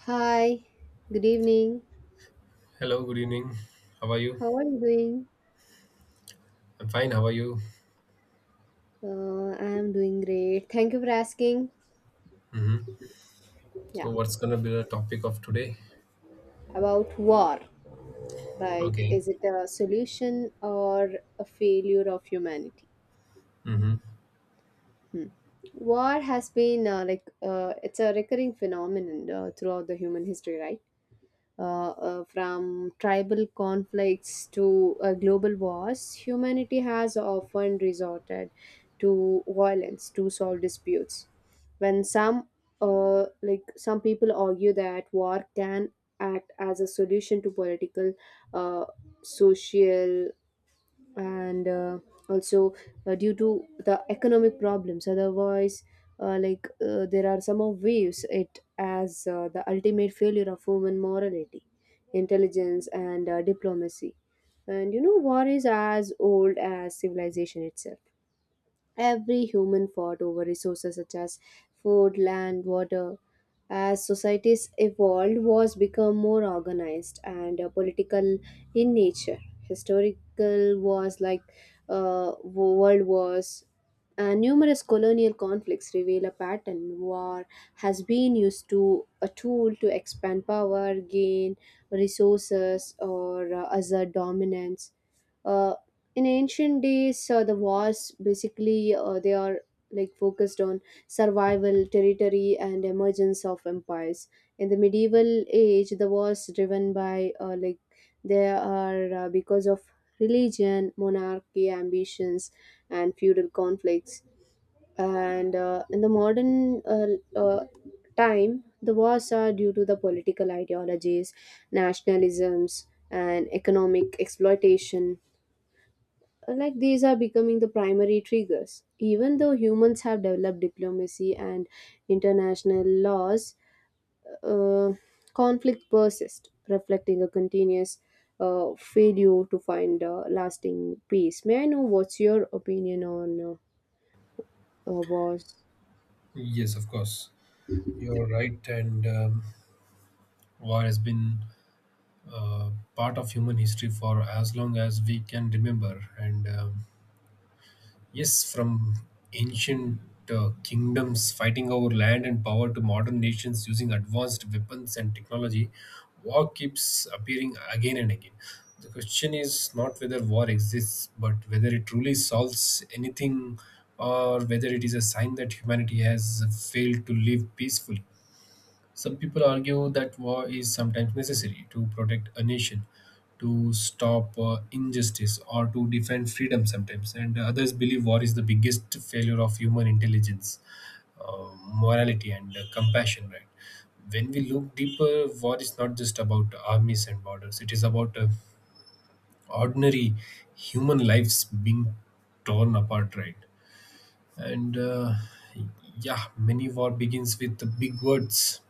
Hi, good evening. Hello, good evening. How are you? How are you doing? I'm fine. How are you? I am doing great. Thank you for asking. hmm So, Yeah, what's gonna be the topic of today? about war. Like, Okay. is it a solution or a failure of humanity? hmm War has been it's a recurring phenomenon throughout the human history, right? From tribal conflicts to global wars, humanity has often resorted to violence to solve disputes. When some, like some people argue that war can act as a solution to political, uh, social, and also due to the economic problems otherwise there are some of views it as the ultimate failure of human morality intelligence and diplomacy, and you know war is as old as civilization itself. Every human fought over resources such as food, land, water. As societies evolved, wars become more organized and political in nature. Historical wars like world wars and numerous colonial conflicts reveal a pattern. War has been used to a tool to expand power, gain resources, or assert dominance. uh, in ancient days the wars basically they are like focused on survival territory and emergence of empires. In the medieval age the wars driven by they are because of religion monarchy ambitions and feudal conflicts, and in the modern uh, time the wars are due to the political ideologies nationalisms and economic exploitation, like these are becoming the primary triggers. Even though humans have developed diplomacy and international laws, uh, conflict persists, reflecting a continuous failure to find lasting peace. May I know what's your opinion on wars? Yes, of course. You're right. And war has been uh, part of human history for as long as we can remember. And yes, from ancient kingdoms fighting over land and power to modern nations using advanced weapons and technology, war keeps appearing again and again. The question is not whether war exists, but whether it truly solves anything or whether it is a sign that humanity has failed to live peacefully. Some people argue that war is sometimes necessary to protect a nation, to stop injustice, or to defend freedom sometimes. And others believe war is the biggest failure of human intelligence, morality, and compassion, right? When we look deeper, war is not just about armies and borders, it is about ordinary human lives being torn apart, right? And yeah, many war begins with the big words: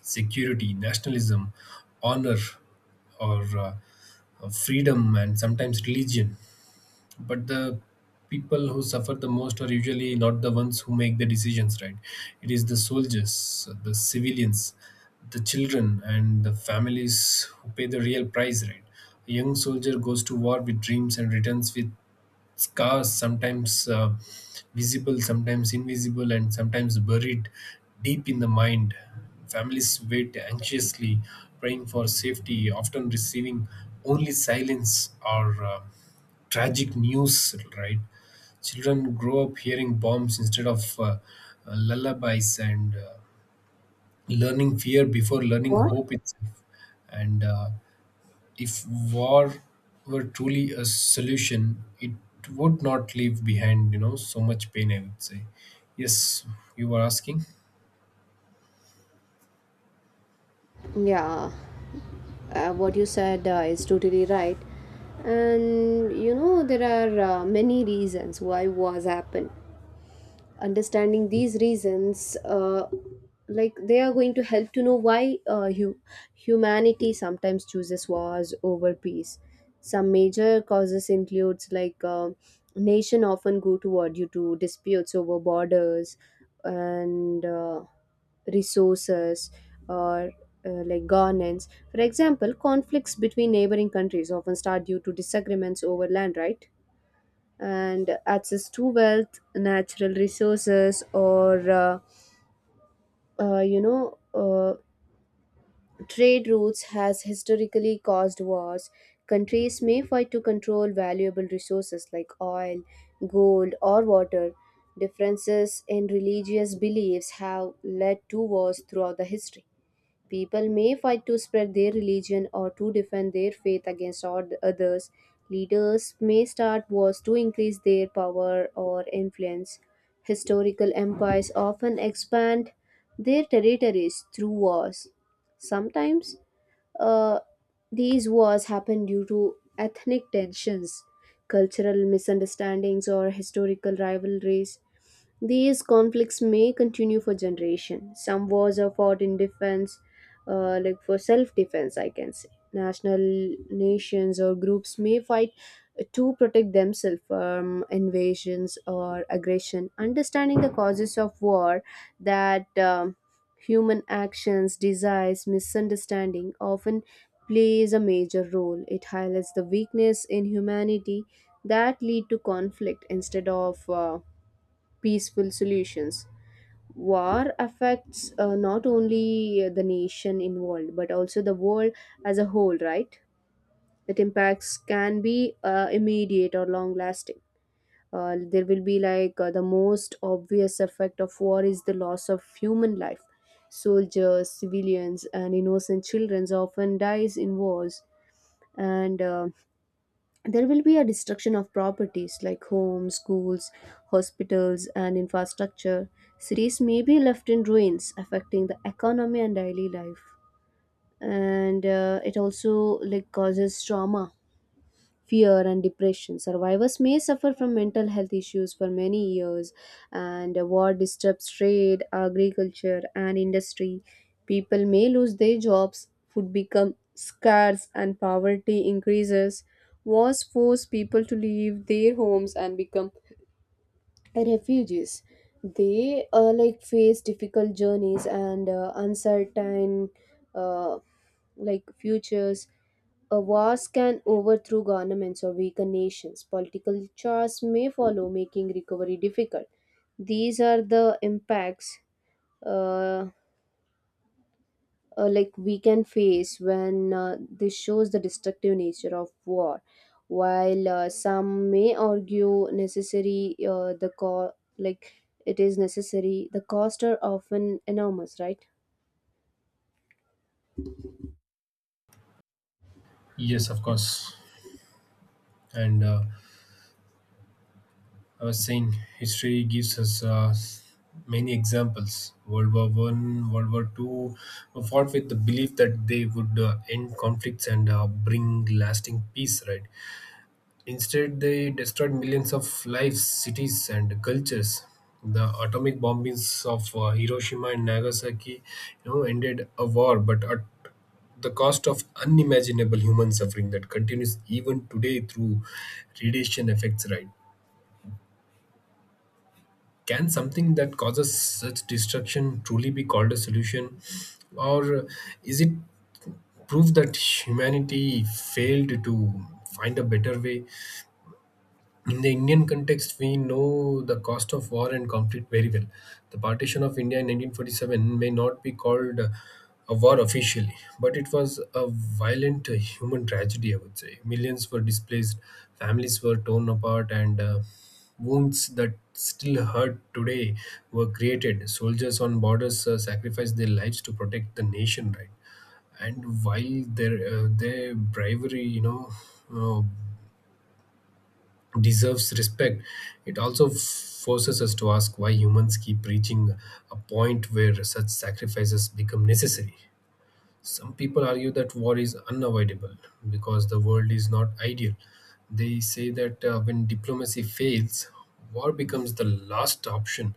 security, nationalism, honor, or freedom, and sometimes religion. But the people who suffer the most are usually not the ones who make the decisions, right? It is the soldiers, the civilians, the children and the families who pay the real price, right? A young soldier goes to war with dreams and returns with scars, sometimes visible, sometimes invisible, and sometimes buried deep in the mind. Families wait anxiously, praying for safety, often receiving only silence or tragic news, right? Children grow up hearing bombs instead of lullabies and learning fear before learning What? hope itself. And if war were truly a solution, it would not leave behind, you know, so much pain, I would say. Yes, you were asking? Yeah, what you said is totally right. And you know, there are many reasons why wars happen. Understanding these reasons like they are going to help to know why humanity sometimes chooses wars over peace. Some major causes includes nation often go to war due to disputes over borders and resources or like governance. For example conflicts between neighboring countries often start due to disagreements over land, right? And access to wealth, natural resources, or uh, you know, uh, trade routes has historically caused wars. Countries may fight to control valuable resources like oil, gold, or water. Differences in religious beliefs have led to wars throughout the history. People may fight to spread their religion or to defend their faith against others. Leaders may start wars to increase their power or influence. Historical empires often expand their territories through wars. Sometimes uh, these wars happen due to ethnic tensions, cultural misunderstandings, or historical rivalries. These conflicts may continue for generations. Some wars are fought in defense, like for self-defense I can say. National Nations or groups may fight to protect themselves from invasions or aggression. Understanding the causes of war, that human actions desires misunderstanding often plays a major role, it highlights the weakness in humanity that lead to conflict instead of peaceful solutions. War affects not only the nation involved but also the world as a whole, right? That impacts can be immediate or long lasting. There will be the most obvious effect of war is the loss of human life. Soldiers civilians and innocent children often dies in wars, and there will be a destruction of properties like homes, schools, hospitals, and infrastructure. Cities may be left in ruins, affecting the economy and daily life. And it also like causes trauma fear and depression. Survivors may suffer from mental health issues for many years, and war disrupts trade, agriculture, and industry. People may lose their jobs, food becomes scarce, and poverty increases. Wars force people to leave their homes and become refugees. They like face difficult journeys and uncertain uh, futures. A wars can overthrow governments or weaken nations. Political chaos may follow, making recovery difficult. These are the impacts uh, we can face when this shows the destructive nature of war. While some may argue necessary, the co- like it is necessary, the costs are often enormous, right? Yes, of course. And I was saying history gives us many examples. World War One, World War Two were fought with the belief that they would end conflicts and bring lasting peace. Right? Instead, they destroyed millions of lives, cities, and cultures. The atomic bombings of Hiroshima and Nagasaki, you know, ended a war, but at the cost of unimaginable human suffering that continues even today through radiation effects, right? Can something that causes such destruction truly be called a solution? Or is it proof that humanity failed to find a better way? In the Indian context, we know the cost of war and conflict very well. The partition of India in 1947 may not be called a war officially, but it was a violent human tragedy, I would say. Millions were displaced, families were torn apart, and wounds that still hurt today were created. Soldiers on borders sacrificed their lives to protect the nation, right? And while their bravery, you know, uh, deserves respect, it also forces us to ask why humans keep reaching a point where such sacrifices become necessary. Some people argue that war is unavoidable because the world is not ideal. They say that when diplomacy fails, war becomes the last option.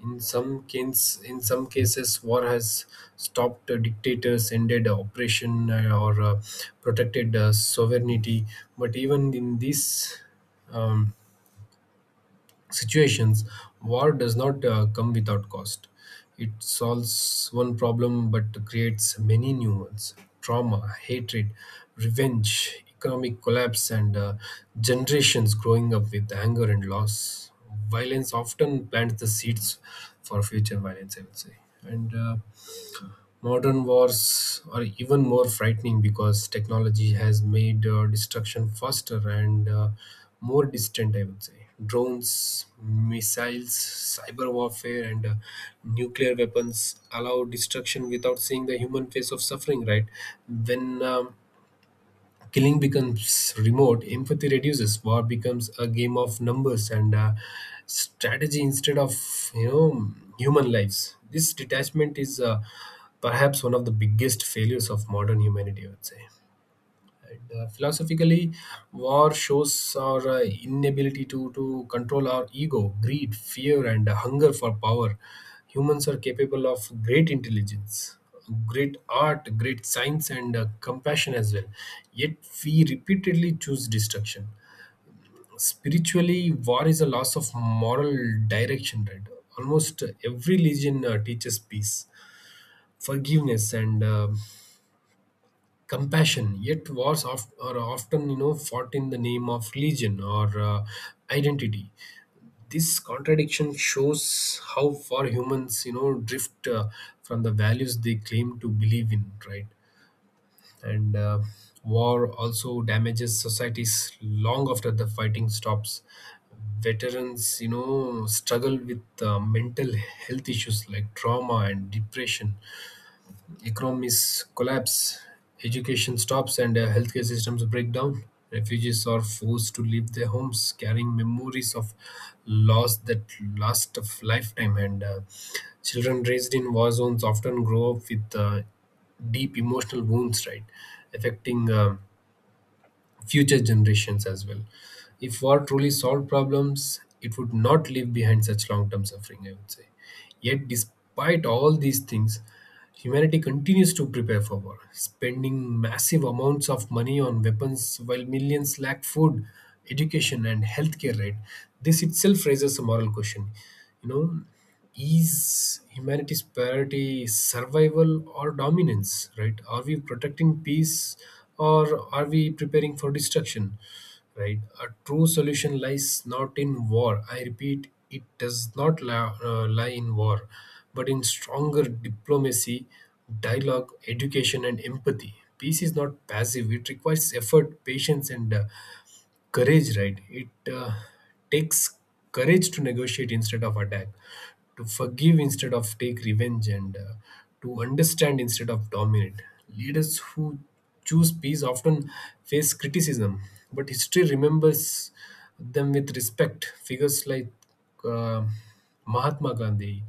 In some cases, war has stopped dictators, ended oppression, or protected sovereignty. But even in these um, situations, war does not come without cost. It solves one problem but creates many new ones: trauma, hatred, revenge, economic collapse, and generations growing up with anger and loss. Violence often plants the seeds for future violence, I would say. And modern wars are even more frightening because technology has made destruction faster and more distant, I would say. Drones, missiles, cyber warfare, and nuclear weapons allow destruction without seeing the human face of suffering, right? When killing becomes remote, empathy reduces, war becomes a game of numbers and strategy instead of, you know, human lives. This detachment is perhaps one of the biggest failures of modern humanity, I would say. And philosophically, war shows our inability to control our ego, greed, fear, and hunger for power. Humans are capable of great intelligence, great art, great science, and compassion as well. Yet, we repeatedly choose destruction. Spiritually, war is a loss of moral direction, right? Almost every religion teaches peace, forgiveness, and compassion, yet wars of, are often, you know, fought in the name of religion or identity. This contradiction shows how far humans, you know, drift from the values they claim to believe in, right? And war also damages societies long after the fighting stops. Veterans, you know, struggle with mental health issues like trauma and depression. Economies collapse, education stops, and healthcare systems break down. Refugees are forced to leave their homes, carrying memories of loss that last a lifetime. And children raised in war zones often grow up with deep emotional wounds, right, affecting future generations as well. If war truly solved problems, it would not leave behind such long-term suffering, I would say. Yet, despite all these things, humanity continues to prepare for war, spending massive amounts of money on weapons while millions lack food, education, and healthcare. Right? This itself raises a moral question. You know, is humanity's priority survival or dominance? Right? Are we protecting peace or are we preparing for destruction? Right, a true solution lies not in war, I repeat, it does not lie in war, but in stronger diplomacy, dialogue, education and empathy. Peace is not passive, it requires effort, patience and courage, right? It takes courage to negotiate instead of attack, to forgive instead of take revenge, and to understand instead of dominate. Leaders who choose peace often face criticism, but history remembers them with respect. Figures like uh, Mahatma Gandhi,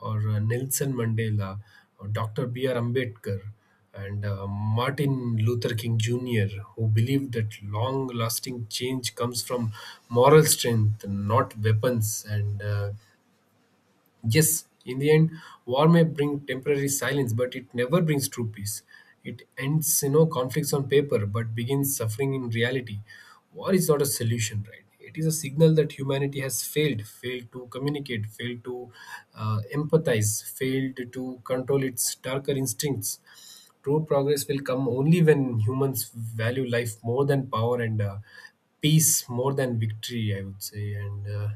or Nelson Mandela, or Dr. B.R. Ambedkar, and Martin Luther King Jr., who believed that long lasting change comes from moral strength, not weapons. And yes, in the end, war may bring temporary silence, but it never brings true peace. It ends, you know, conflicts on paper, but begins suffering in reality. War is not a solution, right? It is a signal that humanity has failed, failed to communicate, failed to empathize, failed to control its darker instincts. True progress will come only when humans value life more than power, and peace more than victory, I would say. And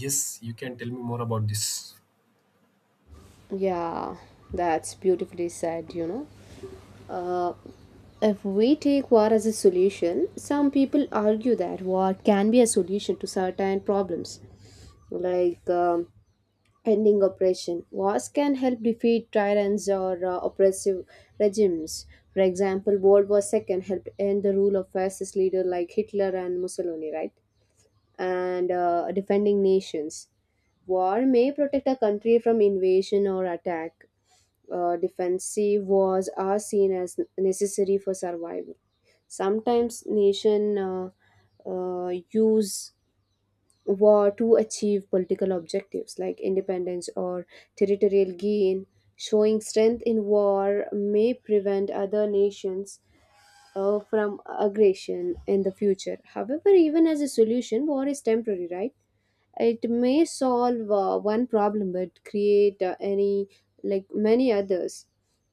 yes, you can tell me more about this. Yeah, that's beautifully said. You know. Uh, if we take war as a solution, some people argue that war can be a solution to certain problems, like ending oppression. Wars can help defeat tyrants or oppressive regimes. For example, World War II helped end the rule of fascist leaders like Hitler and Mussolini, right? And defending nations. War may protect a country from invasion or attack. Defensive wars are seen as necessary for survival. Sometimes nation use war to achieve political objectives like independence or territorial gain. Showing strength in war may prevent other nations from aggression in the future. However, even as a solution, war is temporary, right? It may solve one problem but create any like many others,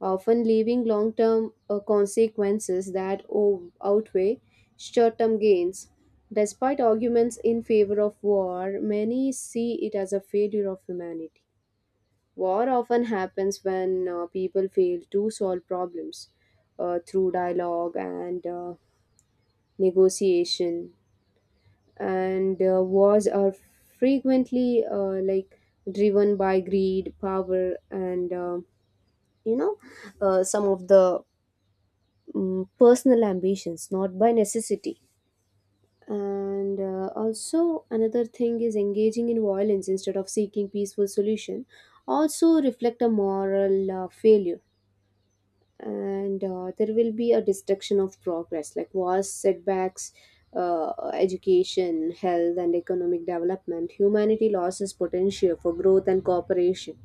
often leaving long term consequences that outweigh short term gains. Despite arguments in favor of war many see it as a failure of humanity. War often happens when people fail to solve problems through dialogue and negotiation, and wars are frequently driven by greed power and you know some of the personal ambitions not by necessity. And also another thing is engaging in violence instead of seeking peaceful solution also reflect a moral failure, and there will be a destruction of progress like wars setbacks education health and economic development. Humanity loses potential for growth and cooperation.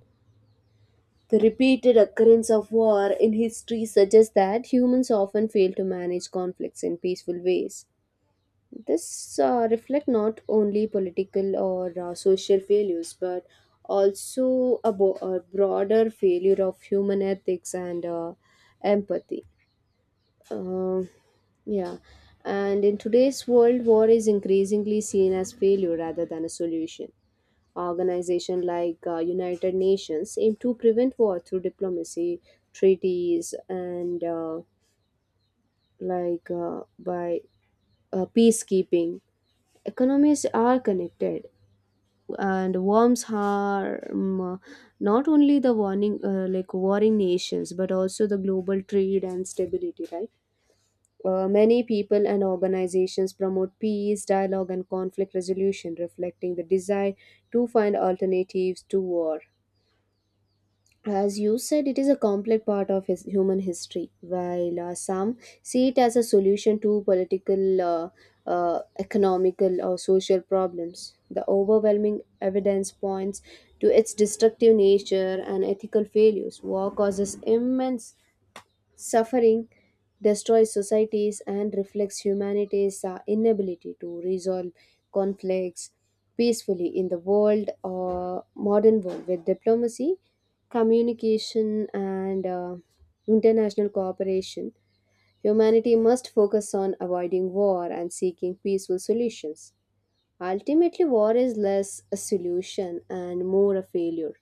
The repeated occurrence of war in history suggests that humans often fail to manage conflicts in peaceful ways. This reflect not only political or social failures but also a broader failure of human ethics and empathy. um, yeah. And in today's world, war is increasingly seen as failure rather than a solution. Organizations like United Nations aim to prevent war through diplomacy, treaties, and like by peacekeeping. Economies are connected, and worms harm not only the warning warring nations, but also the global trade and stability. Right. Many people and organizations promote peace, dialogue, and conflict resolution, reflecting the desire to find alternatives to war. As you said, it is a complex part of his human history. While some see it as a solution to political, economical, or social problems, the overwhelming evidence points to its destructive nature and ethical failures. War causes immense suffering destroys societies and reflects humanity's inability to resolve conflicts peacefully in the world or modern world with diplomacy, communication, and international cooperation. Humanity must focus on avoiding war and seeking peaceful solutions. Ultimately, war is less a solution and more a failure,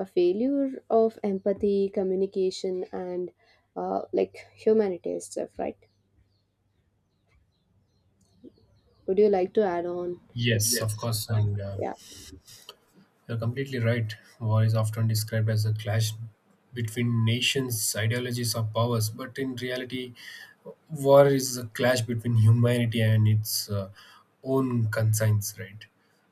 a failure of empathy, communication, and like humanities stuff, right? Would you like to add on? Yes, of course, and Yeah, you're completely right. War is often described as a clash between nations, ideologies, or powers, but in reality, war is a clash between humanity and its own concerns, right?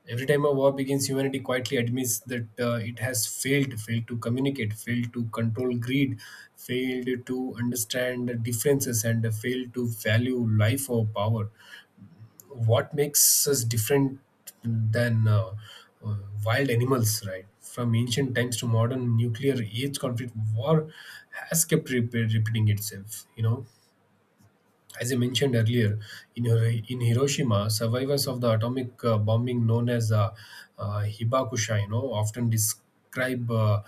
Every time a war begins, humanity quietly admits that it has failed, failed to communicate, failed to control greed, failed to understand the differences, and failed to value life or power. What makes us different than uh, wild animals, right? From ancient times to modern nuclear age conflict, war has kept repeating itself. You know, as I mentioned earlier, in Hiroshima, survivors of the atomic bombing known as Hibakusha, you know, often describe uh,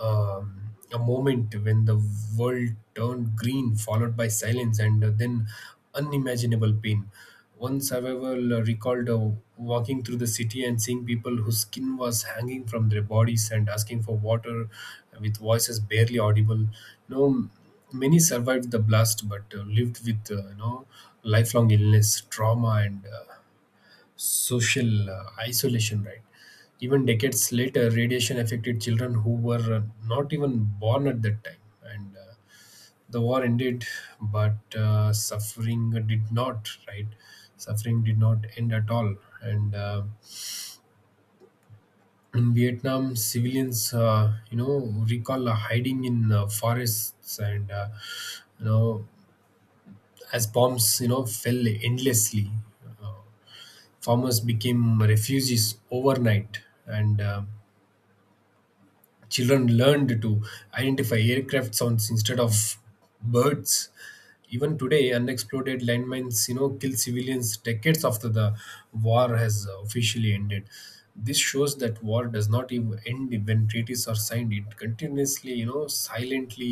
um, a moment when the world turned green, followed by silence and then unimaginable pain. One survivor recalled walking through the city and seeing people whose skin was hanging from their bodies and asking for water with voices barely audible. You know, many survived the blast but lived with you know lifelong illness, trauma, and social isolation. Right. Even decades later, radiation affected children who were not even born at that time, and the war ended, but suffering did not, right? Suffering did not end at all. And in Vietnam, civilians, you know, recall hiding in forests and, you know, as bombs, you know, fell endlessly. Uh, farmers became refugees overnight, and children learned to identify aircraft sounds instead of birds. Even today, unexploded landmines, you know, kill civilians decades after the war has officially ended. This shows that war does not even end when treaties are signed. It continuously, you know, silently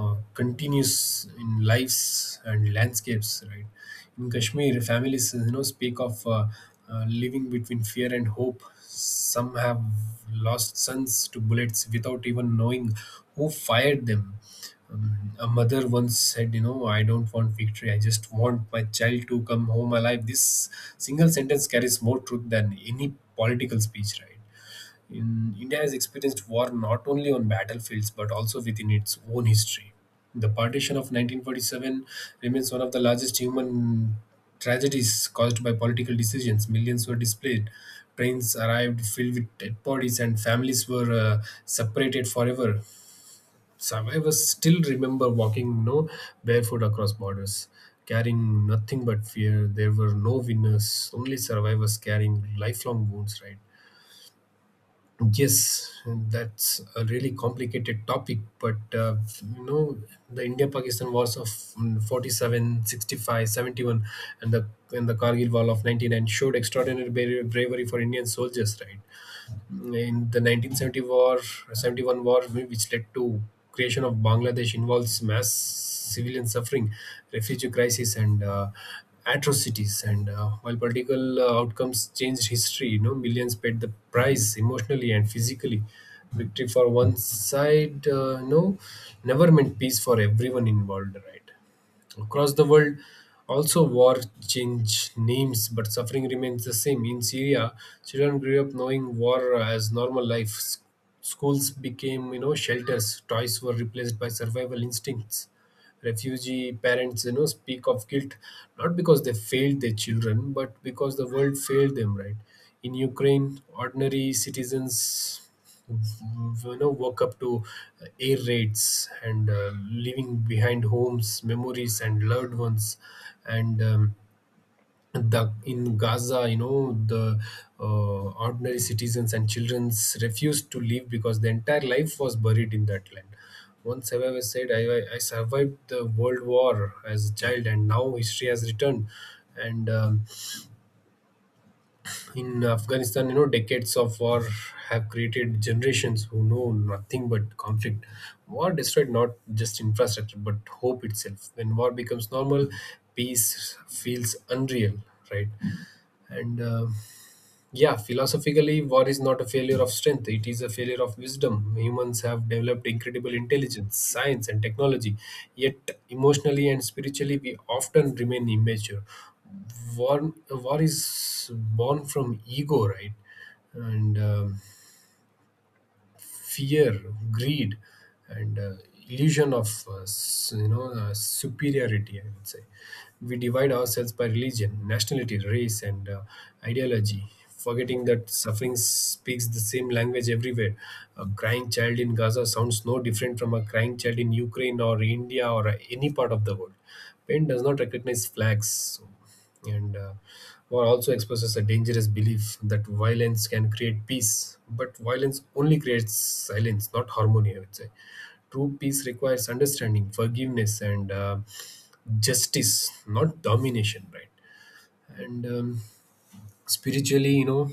continues in lives and landscapes, right? In Kashmir, families, you know, speak of living between fear and hope. Some have lost sons to bullets without even knowing who fired them. A mother once said, "You know, I don't want victory, I just want my child to come home alive." This single sentence carries more truth than any political speech, right? In, India has experienced war not only on battlefields but also within its own history. The partition of 1947 remains one of the largest human tragedies caused by political decisions. Millions were displaced, trains arrived filled with dead bodies, and families were separated forever. Survivors still remember walking no barefoot across borders, carrying nothing but fear. There were no winners, only survivors carrying lifelong wounds, right? Yes, that's a really complicated topic, but you know, the India Pakistan wars of 47, 65, 71, and the Kargil War of 99 showed extraordinary bravery for Indian soldiers, right? In the 1970 war 71 war, which led to creation of Bangladesh, involves mass civilian suffering, refugee crisis, and atrocities. And while political outcomes changed history, you know, millions paid the price emotionally and physically. Victory for one side, never meant peace for everyone involved, right? Across the world, also war changed names, but suffering remains the same. In Syria, children grew up knowing war as normal life. Schools became, you know, shelters. Toys were replaced by survival instincts. Refugee parents, you know, speak of guilt not because they failed their children, but because the world failed them. Right? In Ukraine, ordinary citizens, you know, woke up to air raids and leaving behind homes, memories and loved ones. And the in Gaza, you know, the ordinary citizens and childrens refused to leave because the entire life was buried in that land. Once however said, I survived the world war as a child and now history has returned." And in Afghanistan, you know, decades of war have created generations who know nothing but conflict. War destroyed not just infrastructure but hope itself. When war becomes normal, peace feels unreal, right? And yeah, philosophically, war is not a failure of strength. It is a failure of wisdom. Humans have developed incredible intelligence, science, and technology. Yet, emotionally and spiritually, we often remain immature. War is born from ego, right? And fear, greed, and illusion of you know superiority, I would say. We divide ourselves by religion, nationality, race, and ideology. Forgetting that suffering speaks the same language everywhere. A crying child in Gaza sounds no different from a crying child in Ukraine or India or any part of the world. Pain does not recognize flags. So and war also exposes a dangerous belief that violence can create peace, but violence only creates silence, not harmony, I would say. True peace requires understanding, forgiveness and justice, not domination, right? And spiritually, you know,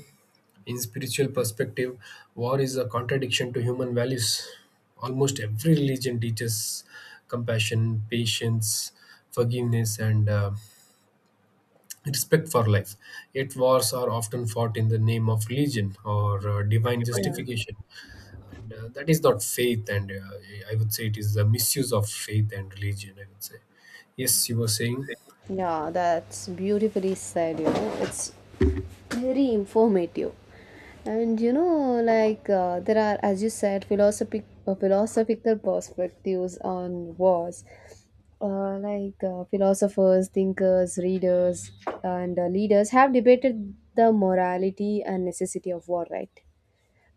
in spiritual perspective, war is a contradiction to human values. Almost every religion teaches compassion, patience, forgiveness and respect for life. Yet wars are often fought in the name of religion or divine yeah, justification. And that is not faith, and I would say it is the misuse of faith and religion, I would say. Yes, you were saying. this? Yeah. That's beautifully said. You know, it's very informative, and you know, there are, as you said, philosophical perspectives on wars. Philosophers, thinkers, readers, and leaders have debated the morality and necessity of war, right?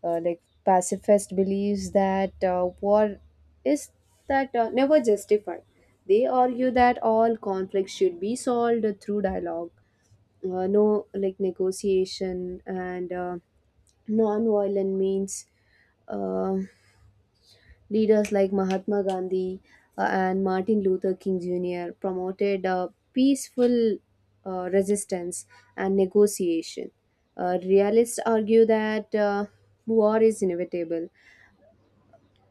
Pacifist believes that war is that never justified. They argue that all conflicts should be solved through dialogue, no like negotiation and non-violent means. Uh, Leaders like Mahatma Gandhi and Martin Luther King Jr. promoted peaceful resistance and negotiation. Realists argue that war is inevitable.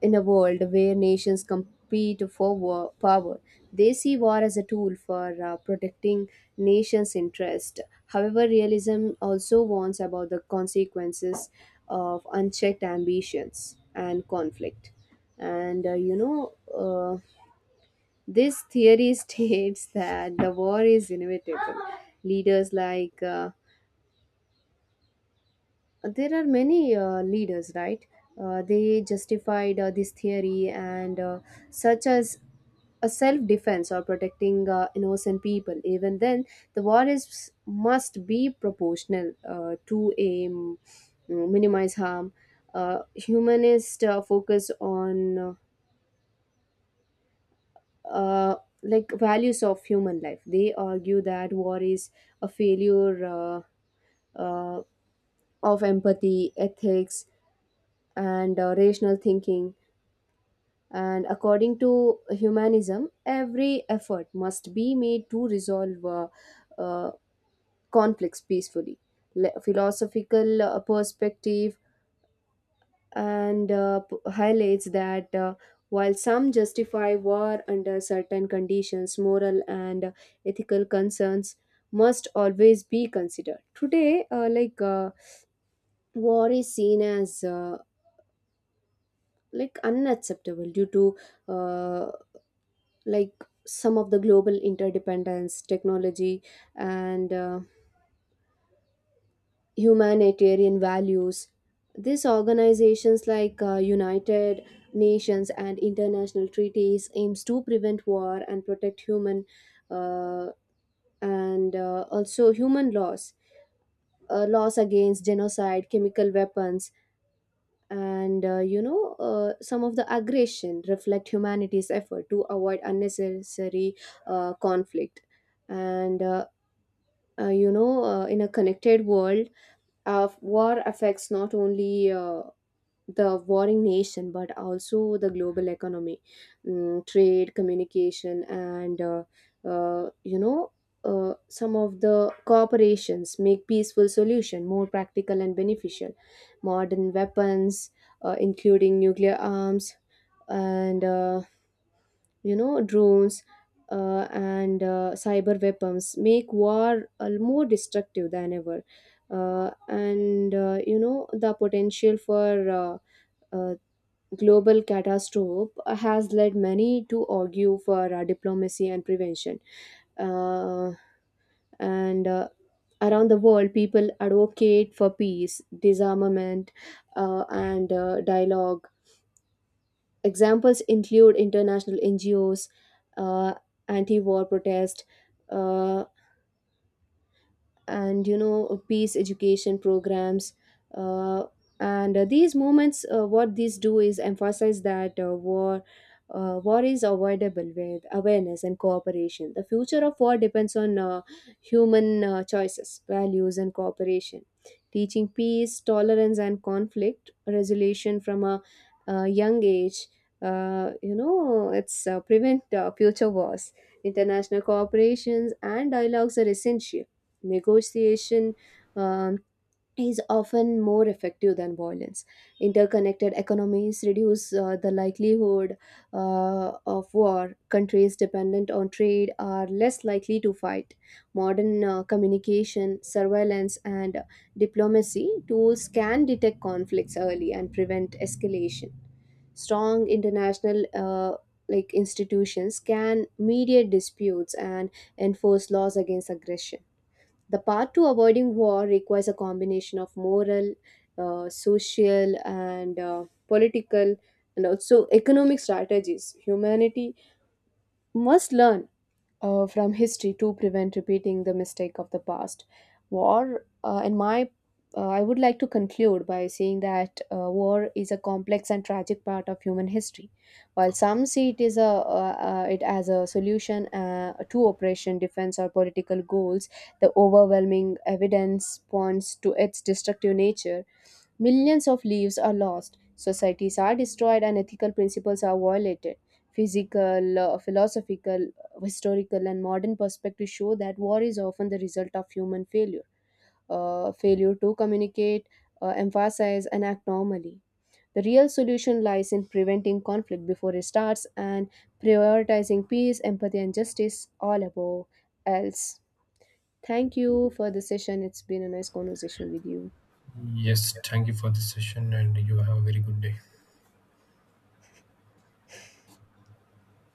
In a world where nations compete for war, power, they see war as a tool for protecting nations' interest. However, realism also warns about the consequences of unchecked ambitions and conflict. And this theory states that the war is inevitable. Leaders like there are many leaders, right? They justified this theory and such as a self defense or protecting innocent people, even then the war is must be proportional to aim, minimize harm. Humanist focus on uh, values of human life. They argue that war is a failure uh, of empathy ethics and rational thinking, and according to humanism every effort must be made to resolve uh, conflicts peacefully. Philosophical perspective and highlights that while some justify war under certain conditions, moral and ethical concerns must always be considered. Today, war is seen as unacceptable due to uh, some of the global interdependence, technology, and humanitarian values. These organizations like United Nations and international treaties aims to prevent war and protect human, uh, and also human laws, laws against genocide, chemical weapons, and some of the aggression reflect humanity's effort to avoid unnecessary conflict. And in a connected world, war affects not only the warring nation but also the global economy. Trade communication and uh, you know some of the corporations make peaceful solution more practical and beneficial. Modern weapons including nuclear arms and drones and cyber weapons make war more destructive than ever. And You know the potential for uh, global catastrophe has led many to argue for diplomacy and prevention. Uh, and Around the world, people advocate for peace, disarmament, and dialogue. Examples include international NGOs, uh, anti war protest. Uh, and You know peace education programs uh, and these movements what these do is emphasize that war is avoidable with awareness and cooperation. The future of war depends on human choices values and cooperation. Teaching peace tolerance and conflict resolution from a, young age, you know it's prevent future wars. International cooperations and dialogues are essential. Negotiation um, is often more effective than violence. Interconnected economies reduce the likelihood of war. Countries dependent on trade are less likely to fight. Modern communication, surveillance, and diplomacy tools can detect conflicts early and prevent escalation. Strong international institutions can mediate disputes and enforce laws against aggression. The path to avoiding war requires a combination of moral, social, and political, and also economic strategies. Humanity must learn from history to prevent repeating the mistake of the past. War, uh, in my, I would like to conclude by saying that war is a complex and tragic part of human history. While some see it is a it as a solution to oppression, defense, or political goals, the overwhelming evidence points to its destructive nature. Millions of lives are lost, societies are destroyed, and ethical principles are violated. Physical, philosophical, historical and modern perspectives show that war is often the result of human failure, failure to communicate, emphasize, and act normally. The real solution lies in preventing conflict before it starts and prioritizing peace, empathy, and justice all above else. Thank you for the session. It's been a nice conversation with you. Yes, thank you for this session, and you have a very good day.